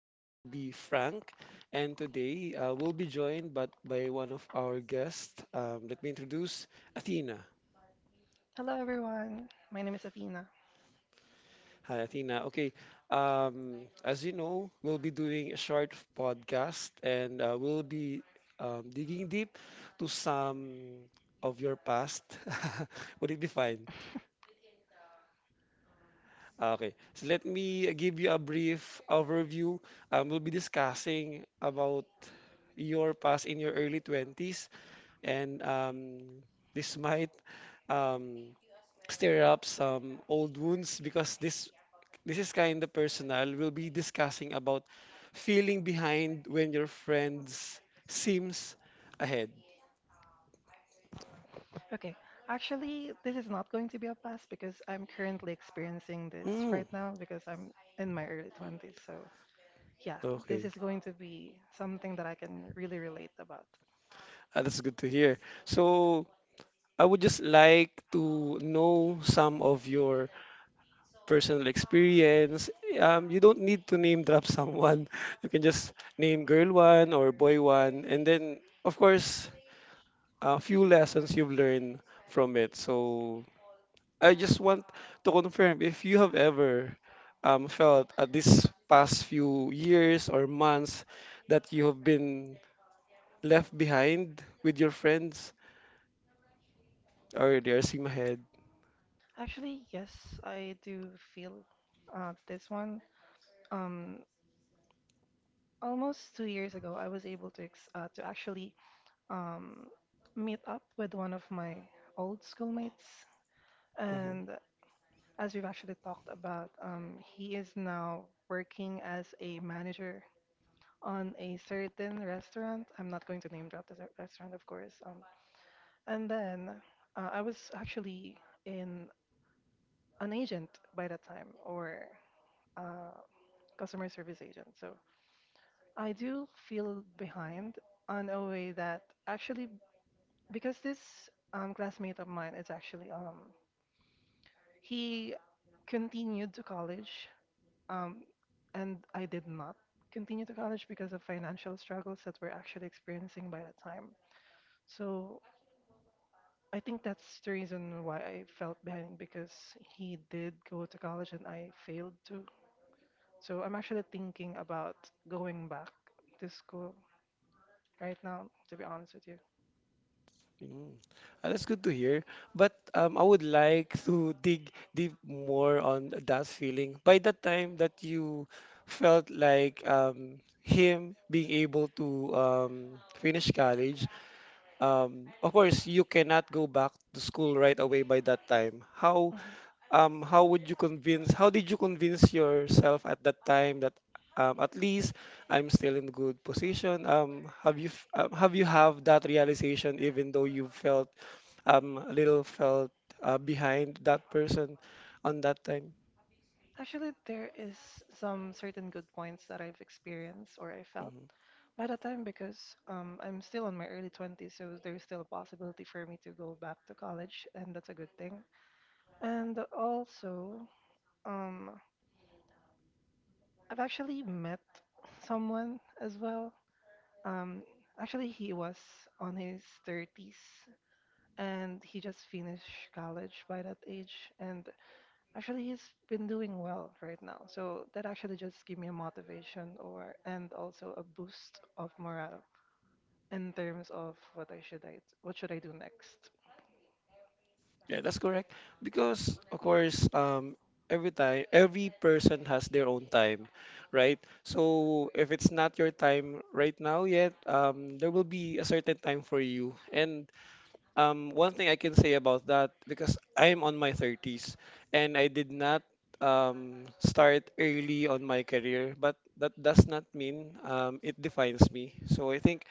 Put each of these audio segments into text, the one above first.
This will be Frank, and today we'll be joined but by one of our guests. Let me introduce Athena. Hello everyone, my name is Athena. Hi, Athena. Okay, as you know, we'll be doing a short podcast, and we'll be digging deep to some of your past. Would it be fine? Ah, okay, so let me give you a brief overview. We'll be discussing about your past in your early 20s and this might um, stir up some old wounds because this is kind of personal. We'll be discussing about feeling behind when your friends seems ahead. Okay, actually, this is not going to be a pass because I'm currently experiencing this Mm. right now because I'm in my early 20s. So, yeah, this Okay. is going to be something that I can really relate about. Ah, that's good to hear. So I would just like to know some of your personal experience. You don't need to name drop someone. You can just name girl one or boy one, and then of course a few lessons you've learned from it. So I just want to confirm if you have ever felt at this past few years or months that you have been left behind with your friends or they are seem ahead. Actually, yes, I do feel this one. Um, Almost 2 years ago, I was to actually um, meet up with one of my old schoolmates, Mhm. and as we've actually talked about, he is now working as a manager on a certain restaurant. I'm not going to name drop this restaurant, of course. And then I was actually in an agent by that time, or uh, customer service agent. So I do feel behind on a way that actually, because this classmate of mine is actually, he continued to college. Um, and I did not continue to college because of financial struggles that we're actually experiencing by that time. So I think that's the reason why I felt behind because he did go to college and I failed to. So I'm actually thinking about going back to school right now, to be honest with you. Mm. Ah, that's good to hear. But I would like to dig deep more on that feeling. By the time that you felt like him being able to finish college, of course, you cannot go back to school right away by that time. How Mhm. um how would you convince? How did you convince yourself at that time that at least I'm still in good position? Have you have that realization even though you felt a little felt behind that person on that time? Actually, there is some certain good points that I've experienced or I felt Mm-hmm. by the time, because I'm still in my early 20s, so there's still a possibility for me to go back to college, and that's a good thing. And also, um, I've actually met someone as well. Um, Actually, he was on his 30s, and he just finished college by that age. And actually, he's been doing well right now. So that actually just gave me a motivation, or and also a boost of morale in terms of what I should I what should I do next. Yeah, that's correct. Because of course, every time, every person has their own time, right? So if it's not your time right now yet, there will be a certain time for you. And one thing I can say about that, because I'm on my 30s and I did not start early on my career, but that does not mean it defines me. So I think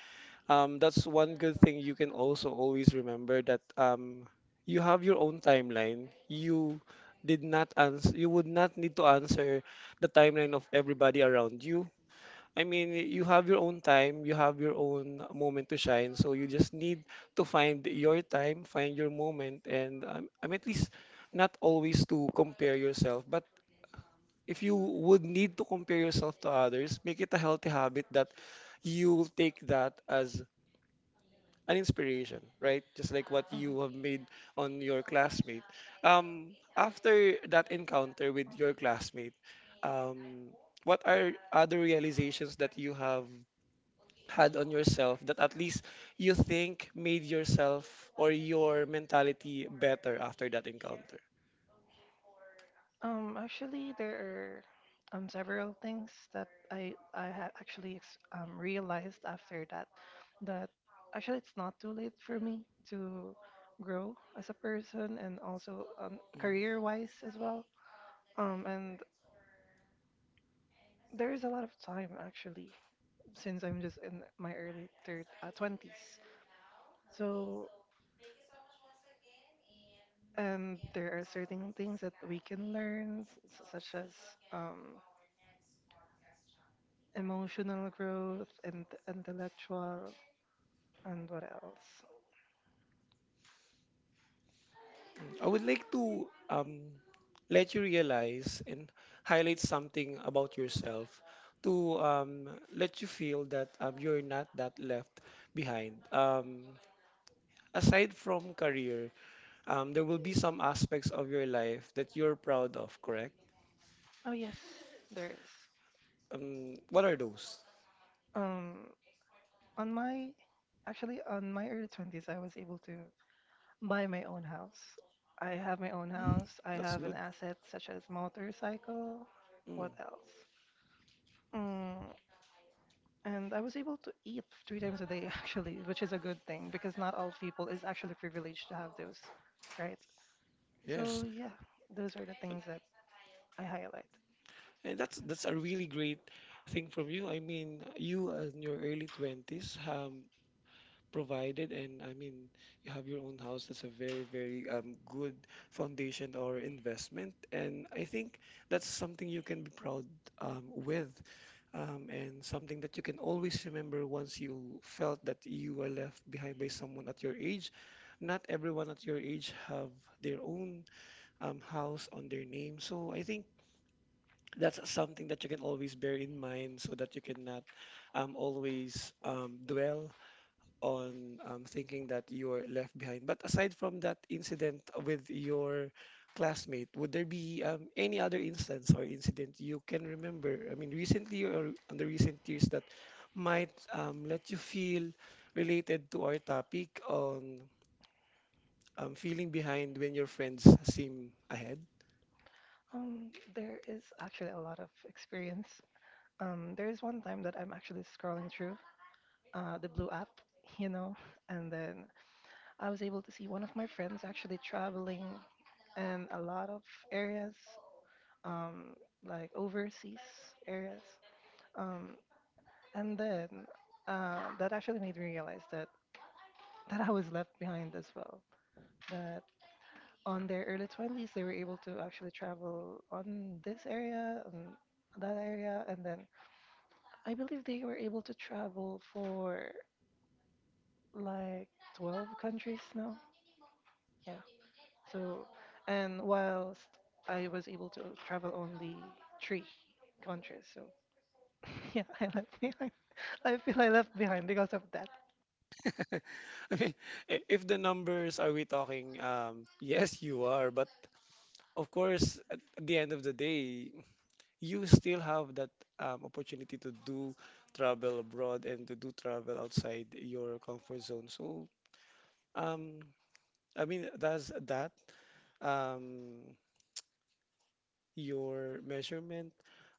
that's one good thing you can also always remember, that you have your own timeline. You did not answer, you would not need to answer the timeline of everybody around you. I mean, you have your own time, you have your own moment to shine, so you just need to find your time, find your moment, and I mean, at least not always to compare yourself, but if you would need to compare yourself to others, make it a healthy habit that you take that as an inspiration, right? Just like what Mhm. you have made on your classmate. After that encounter with your classmate, um, what are other realizations that you have had on yourself that at least you think made yourself or your mentality better after that encounter? Actually, there are several things that I had actually ex realized after that, that actually it's not too late for me to grow as a person and also Mm. career-wise as well. And there is a lot of time actually since I'm just in my early thir 20s. So and there are certain things that we can learn, such as um, emotional growth and intellectual, and what else? I would like to let you realize and highlight something about yourself, to let you feel that you're not that left behind. Aside from career, there will be some aspects of your life that you're proud of, correct? Oh yes, there is. What are those? Um, on my, Actually, on my early 20s, I was able to buy my own house. I have my own Mm, house. I that's have an good. asset such as motorcycle. Mm, What else? Mm, And I was able to eat 3 times a day, actually, which is a good thing because not all people is actually privileged to have those, right? So yes, yeah, those are the things that I highlight. and that's a really great thing from you. I mean, you, in your early 20s, provided, and I mean you have your own house. That's a very very good foundation or investment, and I think that's something you can be proud with, and something that you can always remember once you felt that you were left behind by someone at your age. Not everyone at your age have their own house on their name, so I think that's something that you can always bear in mind so that you cannot always dwell on, thinking that you're left behind. But aside from that incident with your classmate, would there be any other instance or incident you can remember? I mean, recently or on the recent years that might let you feel related to our topic on feeling behind when your friends seem ahead? There is actually a lot of experience. There is one time that I'm actually scrolling through the Blue app, you know, and then I was able to see one of my friends actually traveling in a lot of areas, um, like overseas areas. Um, And then that actually made me realize that I was left behind as well. That on their early 20s, they were able to actually travel on this area and that area. And then I believe they were able to travel for like 12 countries now. Yeah. So, and whilst I was able to travel only 3 countries. So, yeah, I left behind. I feel I left behind because of that. Okay. I if the numbers are we talking, yes, you are, but of course, at the end of the day, you still have that opportunity to do travel abroad and to do travel outside your comfort zone. So, um, I mean, does that um, your measurement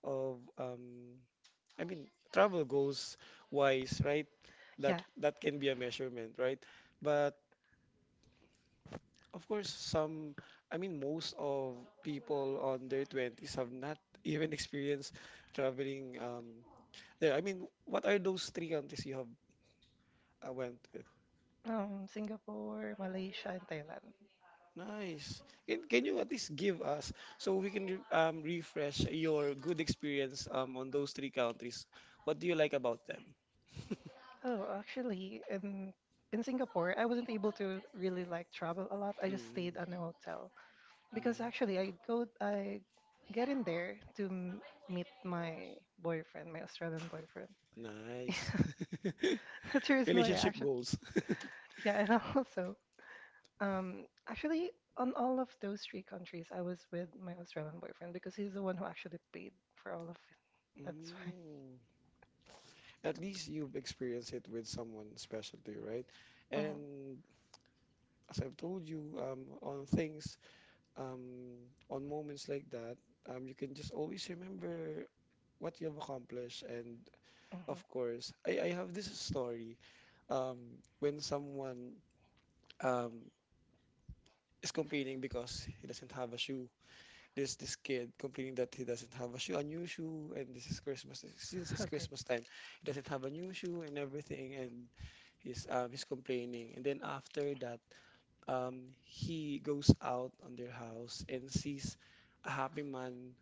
of, I mean, travel goals wise, right? That Yeah. that can be a measurement, right? But of course, some, I mean, most of people on their 20s have not even experienced traveling there. I mean, what are those three countries you have I went with. Singapore, Malaysia, and Thailand. Nice. Can you at least give us, so we can refresh your good experience on those three countries? What do you like about them? Oh, actually, in Singapore, I wasn't able to really like travel a lot. I just stayed Mm, at a hotel because mm, actually I get in there to m meet my boyfriend, my Australian boyfriend. nice. That's the reason why I Relationship actually goals. yeah, and also actually on all of those 3 countries, I was with my Australian boyfriend because he's the one who actually paid for all of it. That's why. Mm. At least you've experienced it with someone special to you, right? And as I've told you, on things, um, on moments like that, you can just always remember what you have accomplished, and of hmm course, I have this story. When someone um, is complaining because he doesn't have a shoe, there's this kid complaining that he doesn't have a shoe, a new hmm shoe, and this is Christmas. Since it's Okay. Christmas time, he doesn't have a new shoe and everything, and he's complaining. And then after that, he goes out on their house and sees a happy man,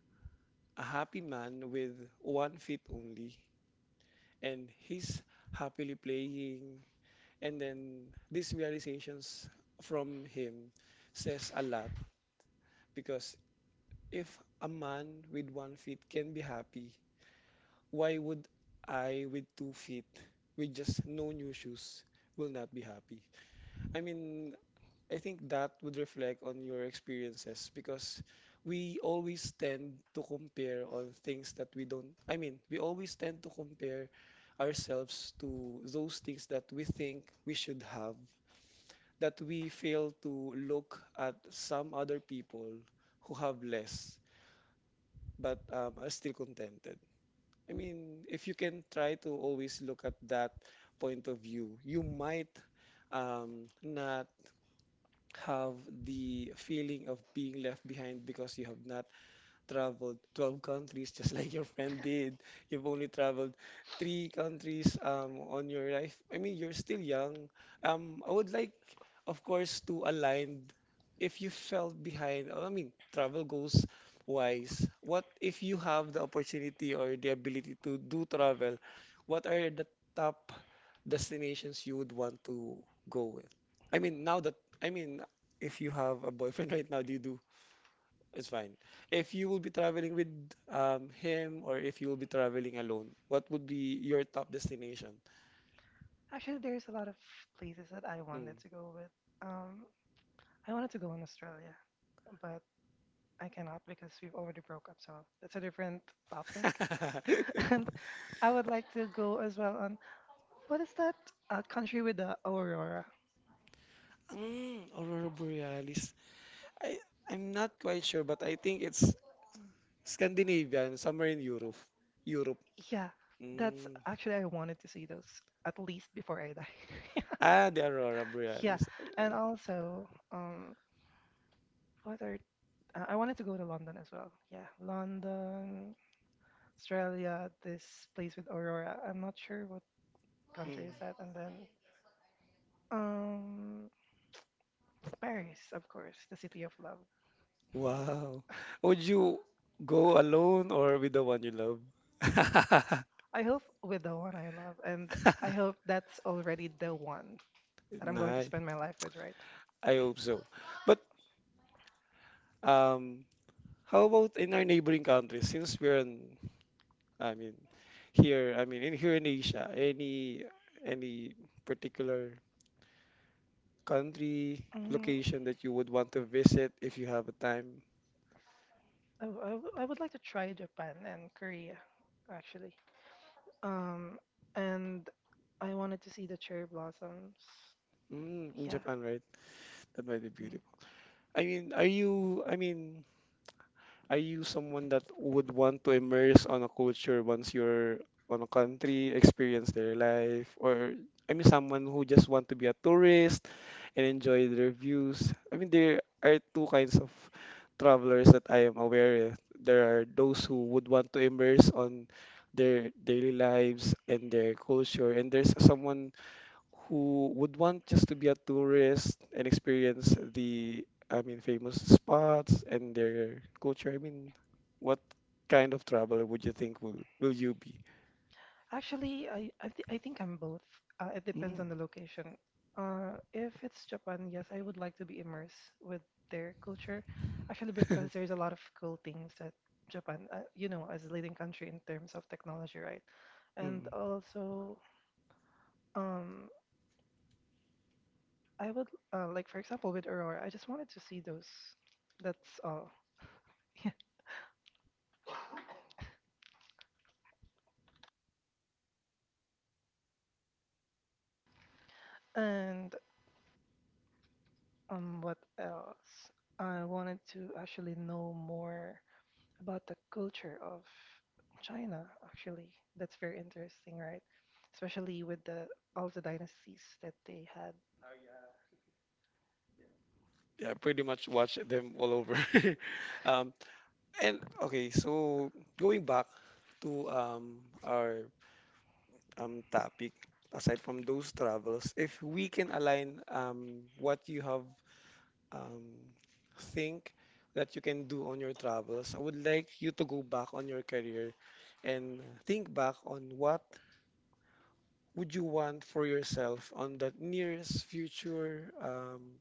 a happy man with 1 feet only, and he's happily playing. And then these realizations from him says a lot, because if a man with 1 feet can be happy, why would I with 2 feet with just no new shoes will not be happy? I mean, I think that would reflect on your experiences, because we always tend to compare on things that we don't, I mean, we always tend to compare ourselves to those things that we think we should have, that we fail to look at some other people who have less but are still contented. I mean, if you can try to always look at that point of view, you might not have the feeling of being left behind because you have not traveled 12 countries, just like your friend did. You've only traveled three countries on your life. I mean, you're still young. I would like, of course, to align if you felt behind. I mean, travel goals wise. What if you have the opportunity or the ability to do travel? What are the top destinations you would want to go with? I mean, now that, I mean, if you have a boyfriend right now, do you do it's fine. If you will be traveling with, him, or if you will be traveling alone, what would be your top destination? Actually, there's a lot of places that I wanted Mm. to go with. Um, I wanted to go in Australia, but I cannot because we've already broke up, so that's a different topic. And I would like to go as well on what is that country with the aurora? Mm, Aurora Borealis. I I'm not quite sure, but I think it's Scandinavian, somewhere in Europe. Europe. Yeah, that's Mm. actually I wanted to see those at least before I die. Ah, the Aurora Yeah, Borealis. and also, what are I wanted to go to London as well. Yeah, London, Australia, this place with Aurora. I'm not sure what country Mm. is that. And then um Paris, of course, the city of love. Wow. Would you go alone or with the one you love? I hope with the one I love, and I hope that's already the one that I'm going to Nice. spend my life with, right? I hope so. But um, how about in our neighboring countries? Since we're in, I mean, here, I mean, in here in Asia, any particular country Mm, location that you would want to visit if you have a time? I would like to try Japan and Korea, actually. Um, and I wanted to see the cherry blossoms. Mm, in Yeah. Japan, right? That might be Mm-hmm. beautiful. I mean, are you? I mean, are you someone that would want to immerse on a culture once you're on a country, experience their life, or I mean, someone who just want to be a tourist? And enjoy the reviews. I mean, there are two kinds of travelers that I am aware of. There are those who would want to immerse on their daily lives and their culture, and there's someone who would want just to be a tourist and experience the, I mean, famous spots and their culture. I mean, what kind of traveler would you think will you be? Actually, I, th I think I'm both. It depends on Mm. the location. If it's Japan, yes, I would like to be immersed with their culture. Actually, because there's a lot of cool things that Japan, you know, as a leading country in terms of technology, right? And Mm. also, um, I would like, for example, with Aurora, I just wanted to see those. That's all. Yeah. And what else? I wanted to actually know more about the culture of China, actually. That's very interesting, right? Especially with the all the dynasties that they had. Yeah, pretty much watch them all over. Um, And okay, so going back to our topic, aside from those travels, if we can align what you have um think that you can do on your travels, I would like you to go back on your career and think back on what would you want for yourself on that nearest future. um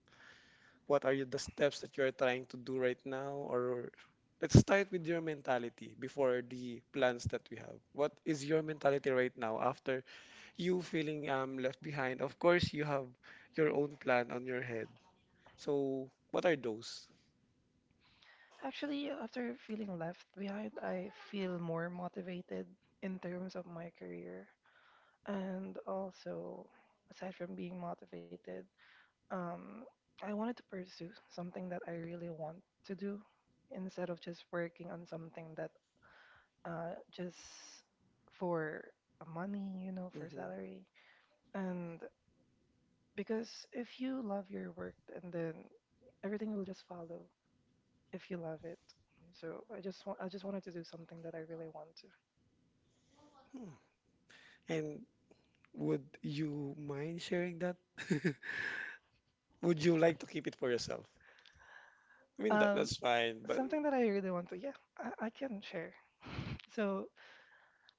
what are you, the steps that you're trying to do right now? Or let's start with your mentality before the plans that we have. What is your mentality right now after you feeling left behind? Of course, you have your own plan on your head. So what are those? Actually, after feeling left behind, I feel more motivated in terms of my career. And also, aside from being motivated, um, I wanted to pursue something that I really want to do instead of just working on something that just for money, for Hmm. salary. And because if you love your work, and then everything will just follow if you love it. So I just wanted to do something that I really want Hmm. And would you mind sharing that? Would you like to keep it for yourself? I to. mean, that, that's fine, but. Something that I really want to. Yeah, I can share. So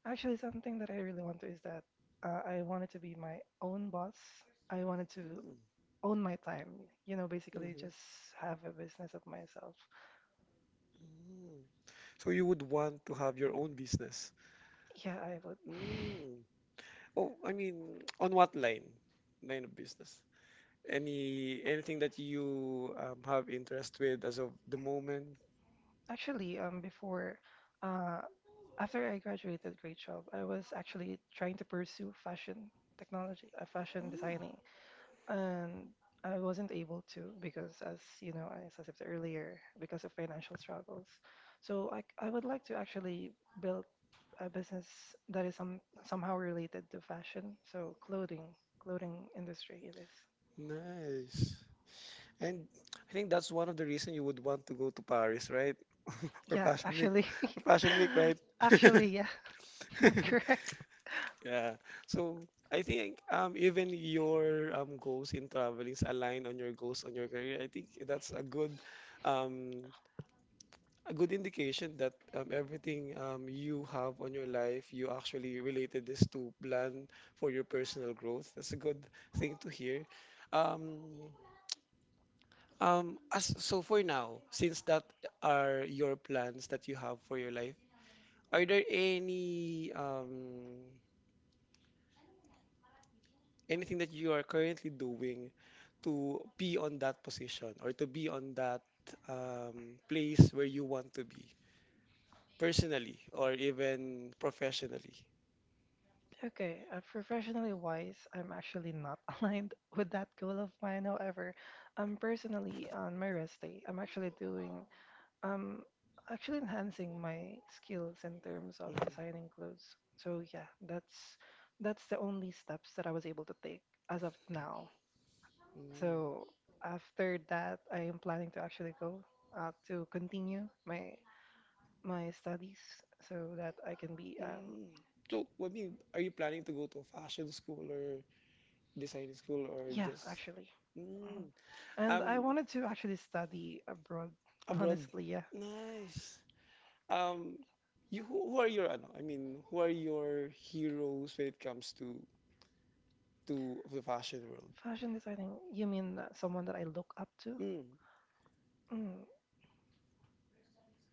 actually, something that I really want to is that I wanted to be my own boss. I wanted to own my time. You know, Basically basically just just have a have a business business of myself. of myself. Mm. So you would want to have your own business. Yeah, I would. Mm. Oh, I mean, on what line? Line of business. Anything that you have interest with as of the moment? Actually, uh, after I graduated grade 12, I was actually trying to pursue fashion technology, fashion Mm. designing, and I wasn't able to because, as you know, as I said earlier, because of financial struggles. So I would like to actually build a business that is somehow related to fashion, so clothing, clothing industry it is. Nice. And I think that's one of the reason you would want to go to Paris, right? For Yeah, Fashion Week. actually, For Fashion Week, right? actually, yeah, that's correct. Yeah. So I think even your goals in traveling is aligned on your goals on your career. I think that's um a good indication that everything you have on your life you actually related this to plan for your personal growth. That's a good thing to hear. Um as so for now, since that are your plans that you have for your life, are there any anything that you are currently doing to be on that position or to be on that place where you want to be personally or even professionally. Okay, professionally wise, I'm actually not aligned with that goal of mine. However, personally, on my rest day, I'm actually doing, um, actually enhancing my skills in terms of Mhm. designing clothes. So yeah, that's the only steps that I was able to take as of now. Mm. So after that, I am planning to actually go to continue my studies so that I can be Mm. So, I mean, are you planning to go to a fashion school or design school or yeah, just actually. mm, Mhm. And I um wanted to actually study abroad, abroad? honestly, yeah. Nice. Um, you who are your ano? I mean, who are your heroes when it comes to the fashion world. Fashion designing, you mean someone that I look up to? Mm, Mm.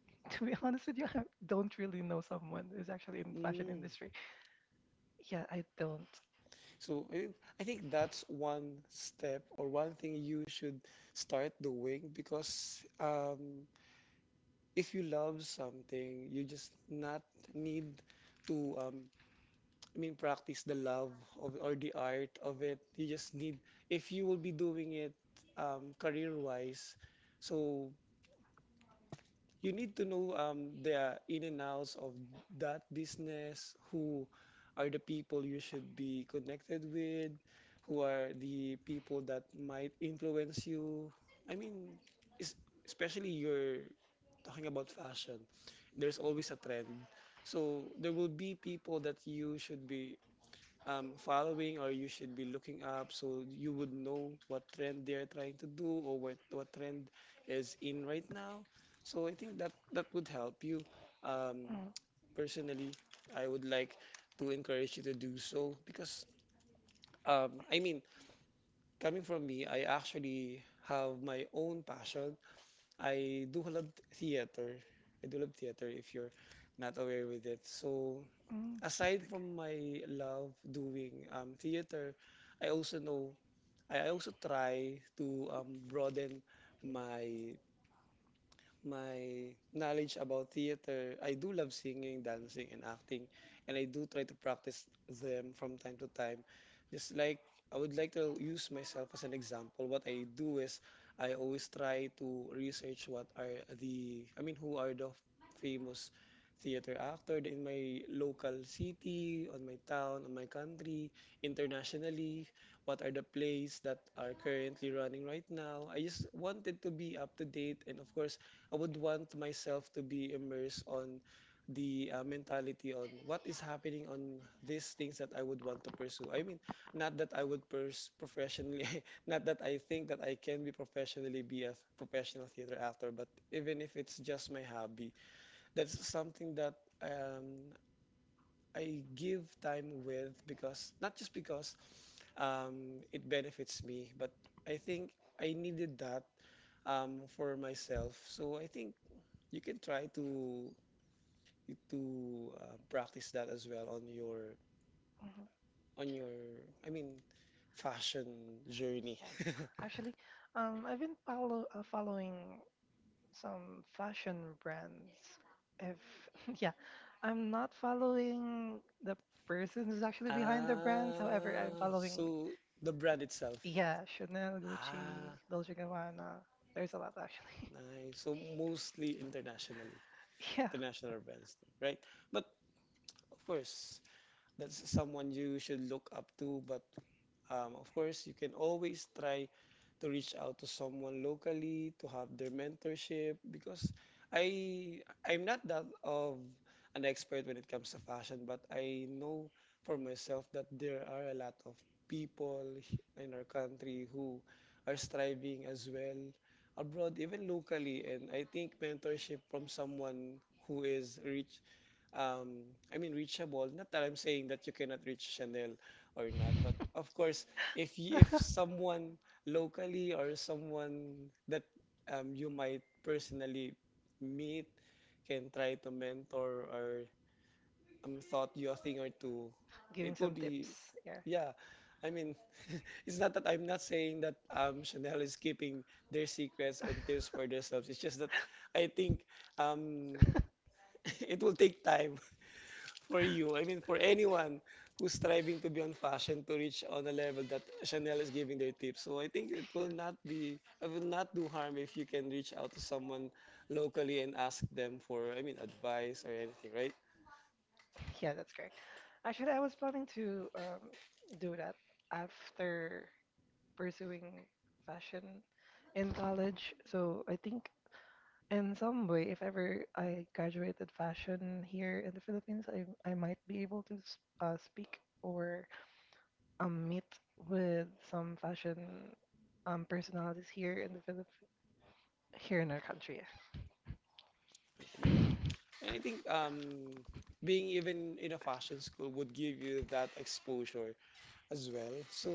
To be honest with you, I don't really know someone who's actually in fashion mm. industry. Yeah, I don't. So I think that's one step or one thing you should start doing because if you love something, you just not need to I mean practice the love of or the art of it. You just need if you will be doing it career wise. So you need to know the in and outs of that business, who are the people you should be connected with, who are the people that might influence you. I mean, es- especially you're talking about fashion, there's always a trend. So there will be people that you should be following or you should be looking up so you would know what trend they're trying to do or what trend is in right now. So I think that would help you. Um, Mm. personally, I would like to encourage you to do so because I mean, coming from me, I actually have my own passion. I do love theater. I do love theater if you're not aware with it. So Mm. aside from my love doing theater, I also know I also try to broaden my my knowledge about theater, I do love singing, dancing, and acting, and I do try to practice them from time to time. Just like I would like to use myself as an example. What I do is I always try to research what are the, I mean, who are the famous theater actor in my local city, on my town, on my country, internationally what are the plays that are currently running right now. I just wanted to be up to date and of course I would want myself to be immersed on the mentality on what is happening on these things that I would want to pursue. I mean, not that I would pers professionally, not that I think that I can be professionally be a professional theater actor, but even if it's just my hobby, that's something that um, I give time with because not just because it benefits me, but I think I needed that for myself. So I think you can try to practice that as well Mhm. on your I mean fashion journey. Yeah, actually, I've been following some fashion brands. If yeah, I'm not following the person who's actually behind the brands. However, I'm Ah, following so the brand itself. yeah, Chanel, Gucci, Ah, Dolce & Gabbana. There's a lot actually. nice. So mostly internationally, Yeah. international brands, right? But of course, that's someone you should look up to, but um, of course, you can always try to reach out to someone locally to have their mentorship because I I'm not that of an expert when it comes to fashion, but I know for myself that there are a lot of in our country who are striving as well abroad, even locally, and I think mentorship from someone who is rich um, I mean reachable. Not that I'm saying that you cannot reach Chanel or not, but of course, if someone locally or someone that you might personally meet can try to mentor or thought you a thing or two, Giving it will some be tips. Yeah. yeah. I mean, it's not that I'm not saying that Chanel is keeping their secrets and tips for themselves. It's just that I think um, it will take time for you, I mean for anyone who's striving to be on fashion to reach on a level that Chanel is giving their tips. So I think it Yeah, will not be it will not do harm if you can reach out to someone locally and ask them for I mean advice or anything, right? yeah, that's correct. Actually, I was planning to do that after pursuing fashion in college. So I think in some way, if ever I graduated fashion here in the Philippines, I might be able to speak or meet with some fashion personalities here in our country. Yeah. Yeah. And I think being even in a fashion school would give you that exposure as well. So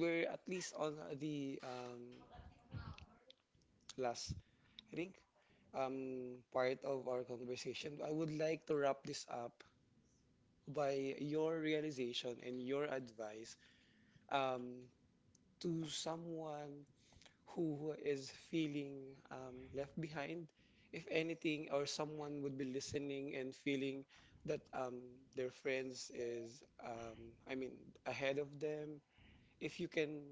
we're at least on the last I think part of our conversation. I would like to wrap this up by your realization and your advice um, to someone who is feeling left behind, if anything, or someone would be listening and feeling that their friends is, I mean, ahead of them. If you can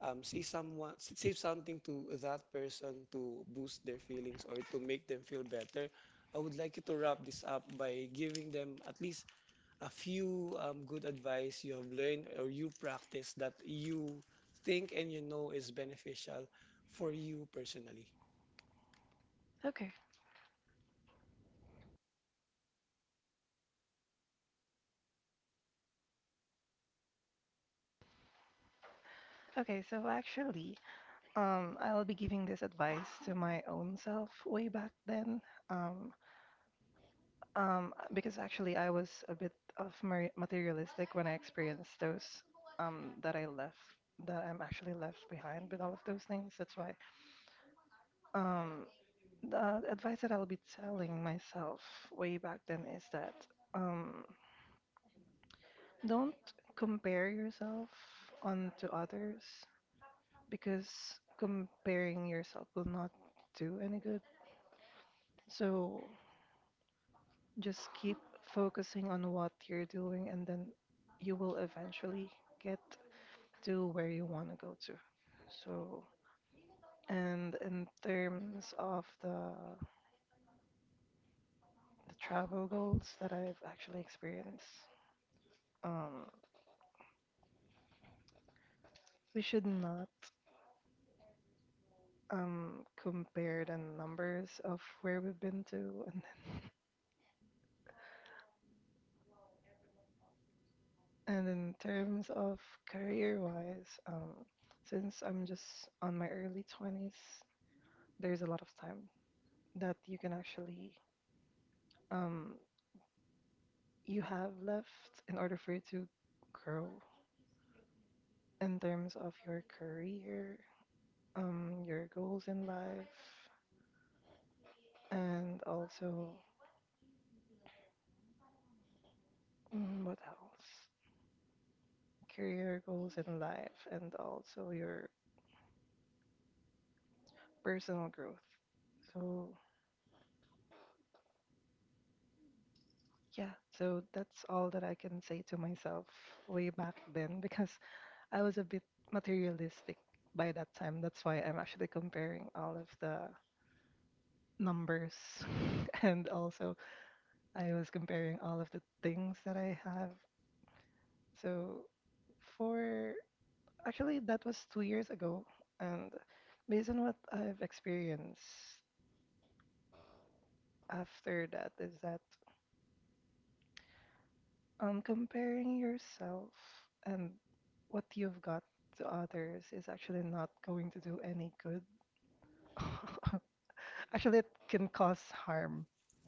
say someone, say something to that person to boost their feelings or to make them feel better, I would like you to wrap this up by giving them at least a few good advice you have learned or you practice that you think and you know is beneficial for you personally. Okay. Okay, so actually, I'll be giving this advice to my own self way back then. Um, because actually, I was a bit of materialistic when I experienced those um, that I left, that I'm actually left behind with all of those things. That's why um, the advice that I'll be telling myself way back then is that um, don't compare yourself onto others because comparing yourself will not do any good. So just keep focusing on what you're doing, and then you will eventually get to where you want to go to. So, and in terms of the travel goals that I've actually experienced, um, we should not compare the numbers of where we've been to. And in terms of career wise, since I'm just on my early 20s, there's a lot of time that you can actually, um, you have left in order for you to grow in terms of your career, your goals in life, and also, what else? Career goals in life, and also your personal growth. So yeah, so that's all that I can say to myself way back then because I was a bit materialistic by that time. That's why I'm actually comparing all of the numbers and also I was comparing all of the things that I have. So for actually that was 2 years ago and based on what I've experienced after that is that comparing yourself and what you've got to others is actually not going to do any good. Actually, it can cause harm,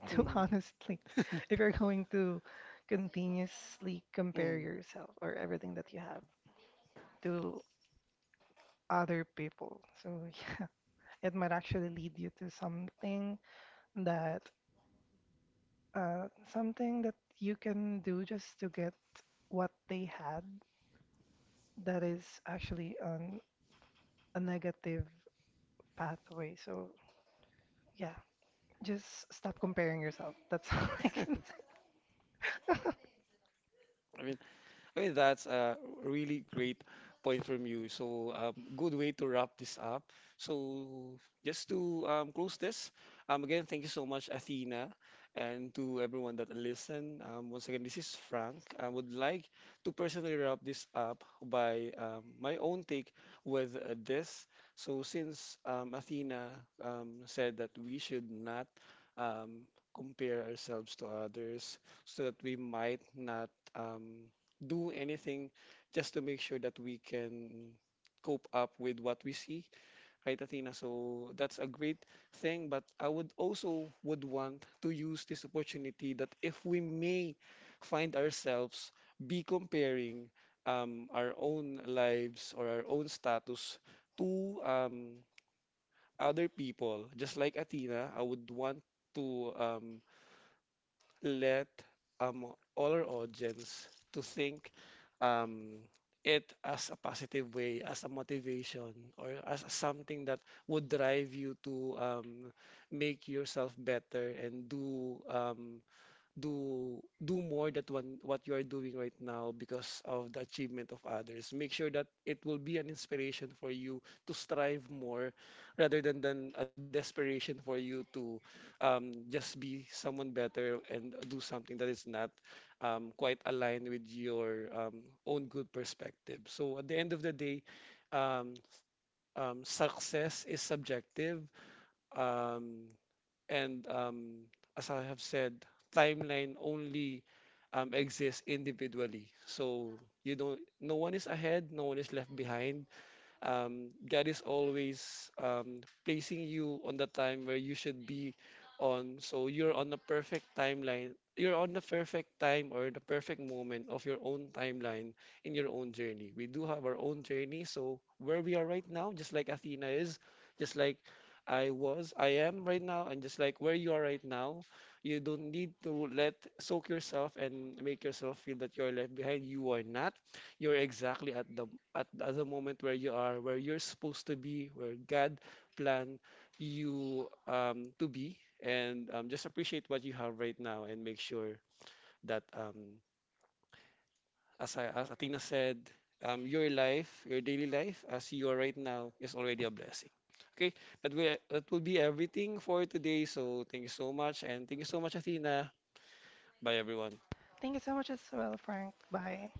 to Mm, honestly, if you're going to continuously compare mm. yourself or everything that you have to other people. So yeah, it might actually lead you to that something that you can do just to get what they had that is actually a negative pathway. So yeah, just stop comparing yourself. That's all I can say. I mean, that's a really great point from you. So, good way to wrap this up. So, just to close this, again, thank you so much, Athena, and to everyone that listened. Once again, this is Frank. I would like to personally wrap this up by my own take with this. So, since Athena said that we should not um, compare ourselves to others, so that we might not. Do anything just to make sure that we can cope up with what we see, right, Athena? So that's a great thing, but I would also would want to use this opportunity that if we may find ourselves be comparing our own lives or our own status to other people, just like Athena, I would want to let all our audience to think um, it as a positive way, as a motivation, or as something that would drive you to make yourself better and do do more than one, what you are doing right now because of the achievement of others. Make sure that it will be an inspiration for you to strive more rather than a desperation for you to just be someone better and do something that is not quite aligned with your own good perspective. So at the end of the day, um, success is subjective. Um, and as I have said, timeline only exists individually. So you don't, no one is ahead, no one is left behind. God is always placing you on the time where you should be on. So you're on the perfect timeline. You're on the perfect time or the perfect moment of your own timeline in your own journey. We do have our own journey. So where we are right now, just like Athena is, just like I am right now, and just like where you are right now, you don't need to let soak yourself and make yourself feel that you're left behind. You are not. You're exactly at the at the moment where you are, where you're supposed to be, where God planned you to be, and just appreciate what you have right now and make sure that, as Athena said, your life, your daily life, as you are right now, is already a blessing. Okay, that will be everything for today. So thank you so much, and thank you so much, Athena. Bye, everyone. Thank you so much as well, Frank. Bye.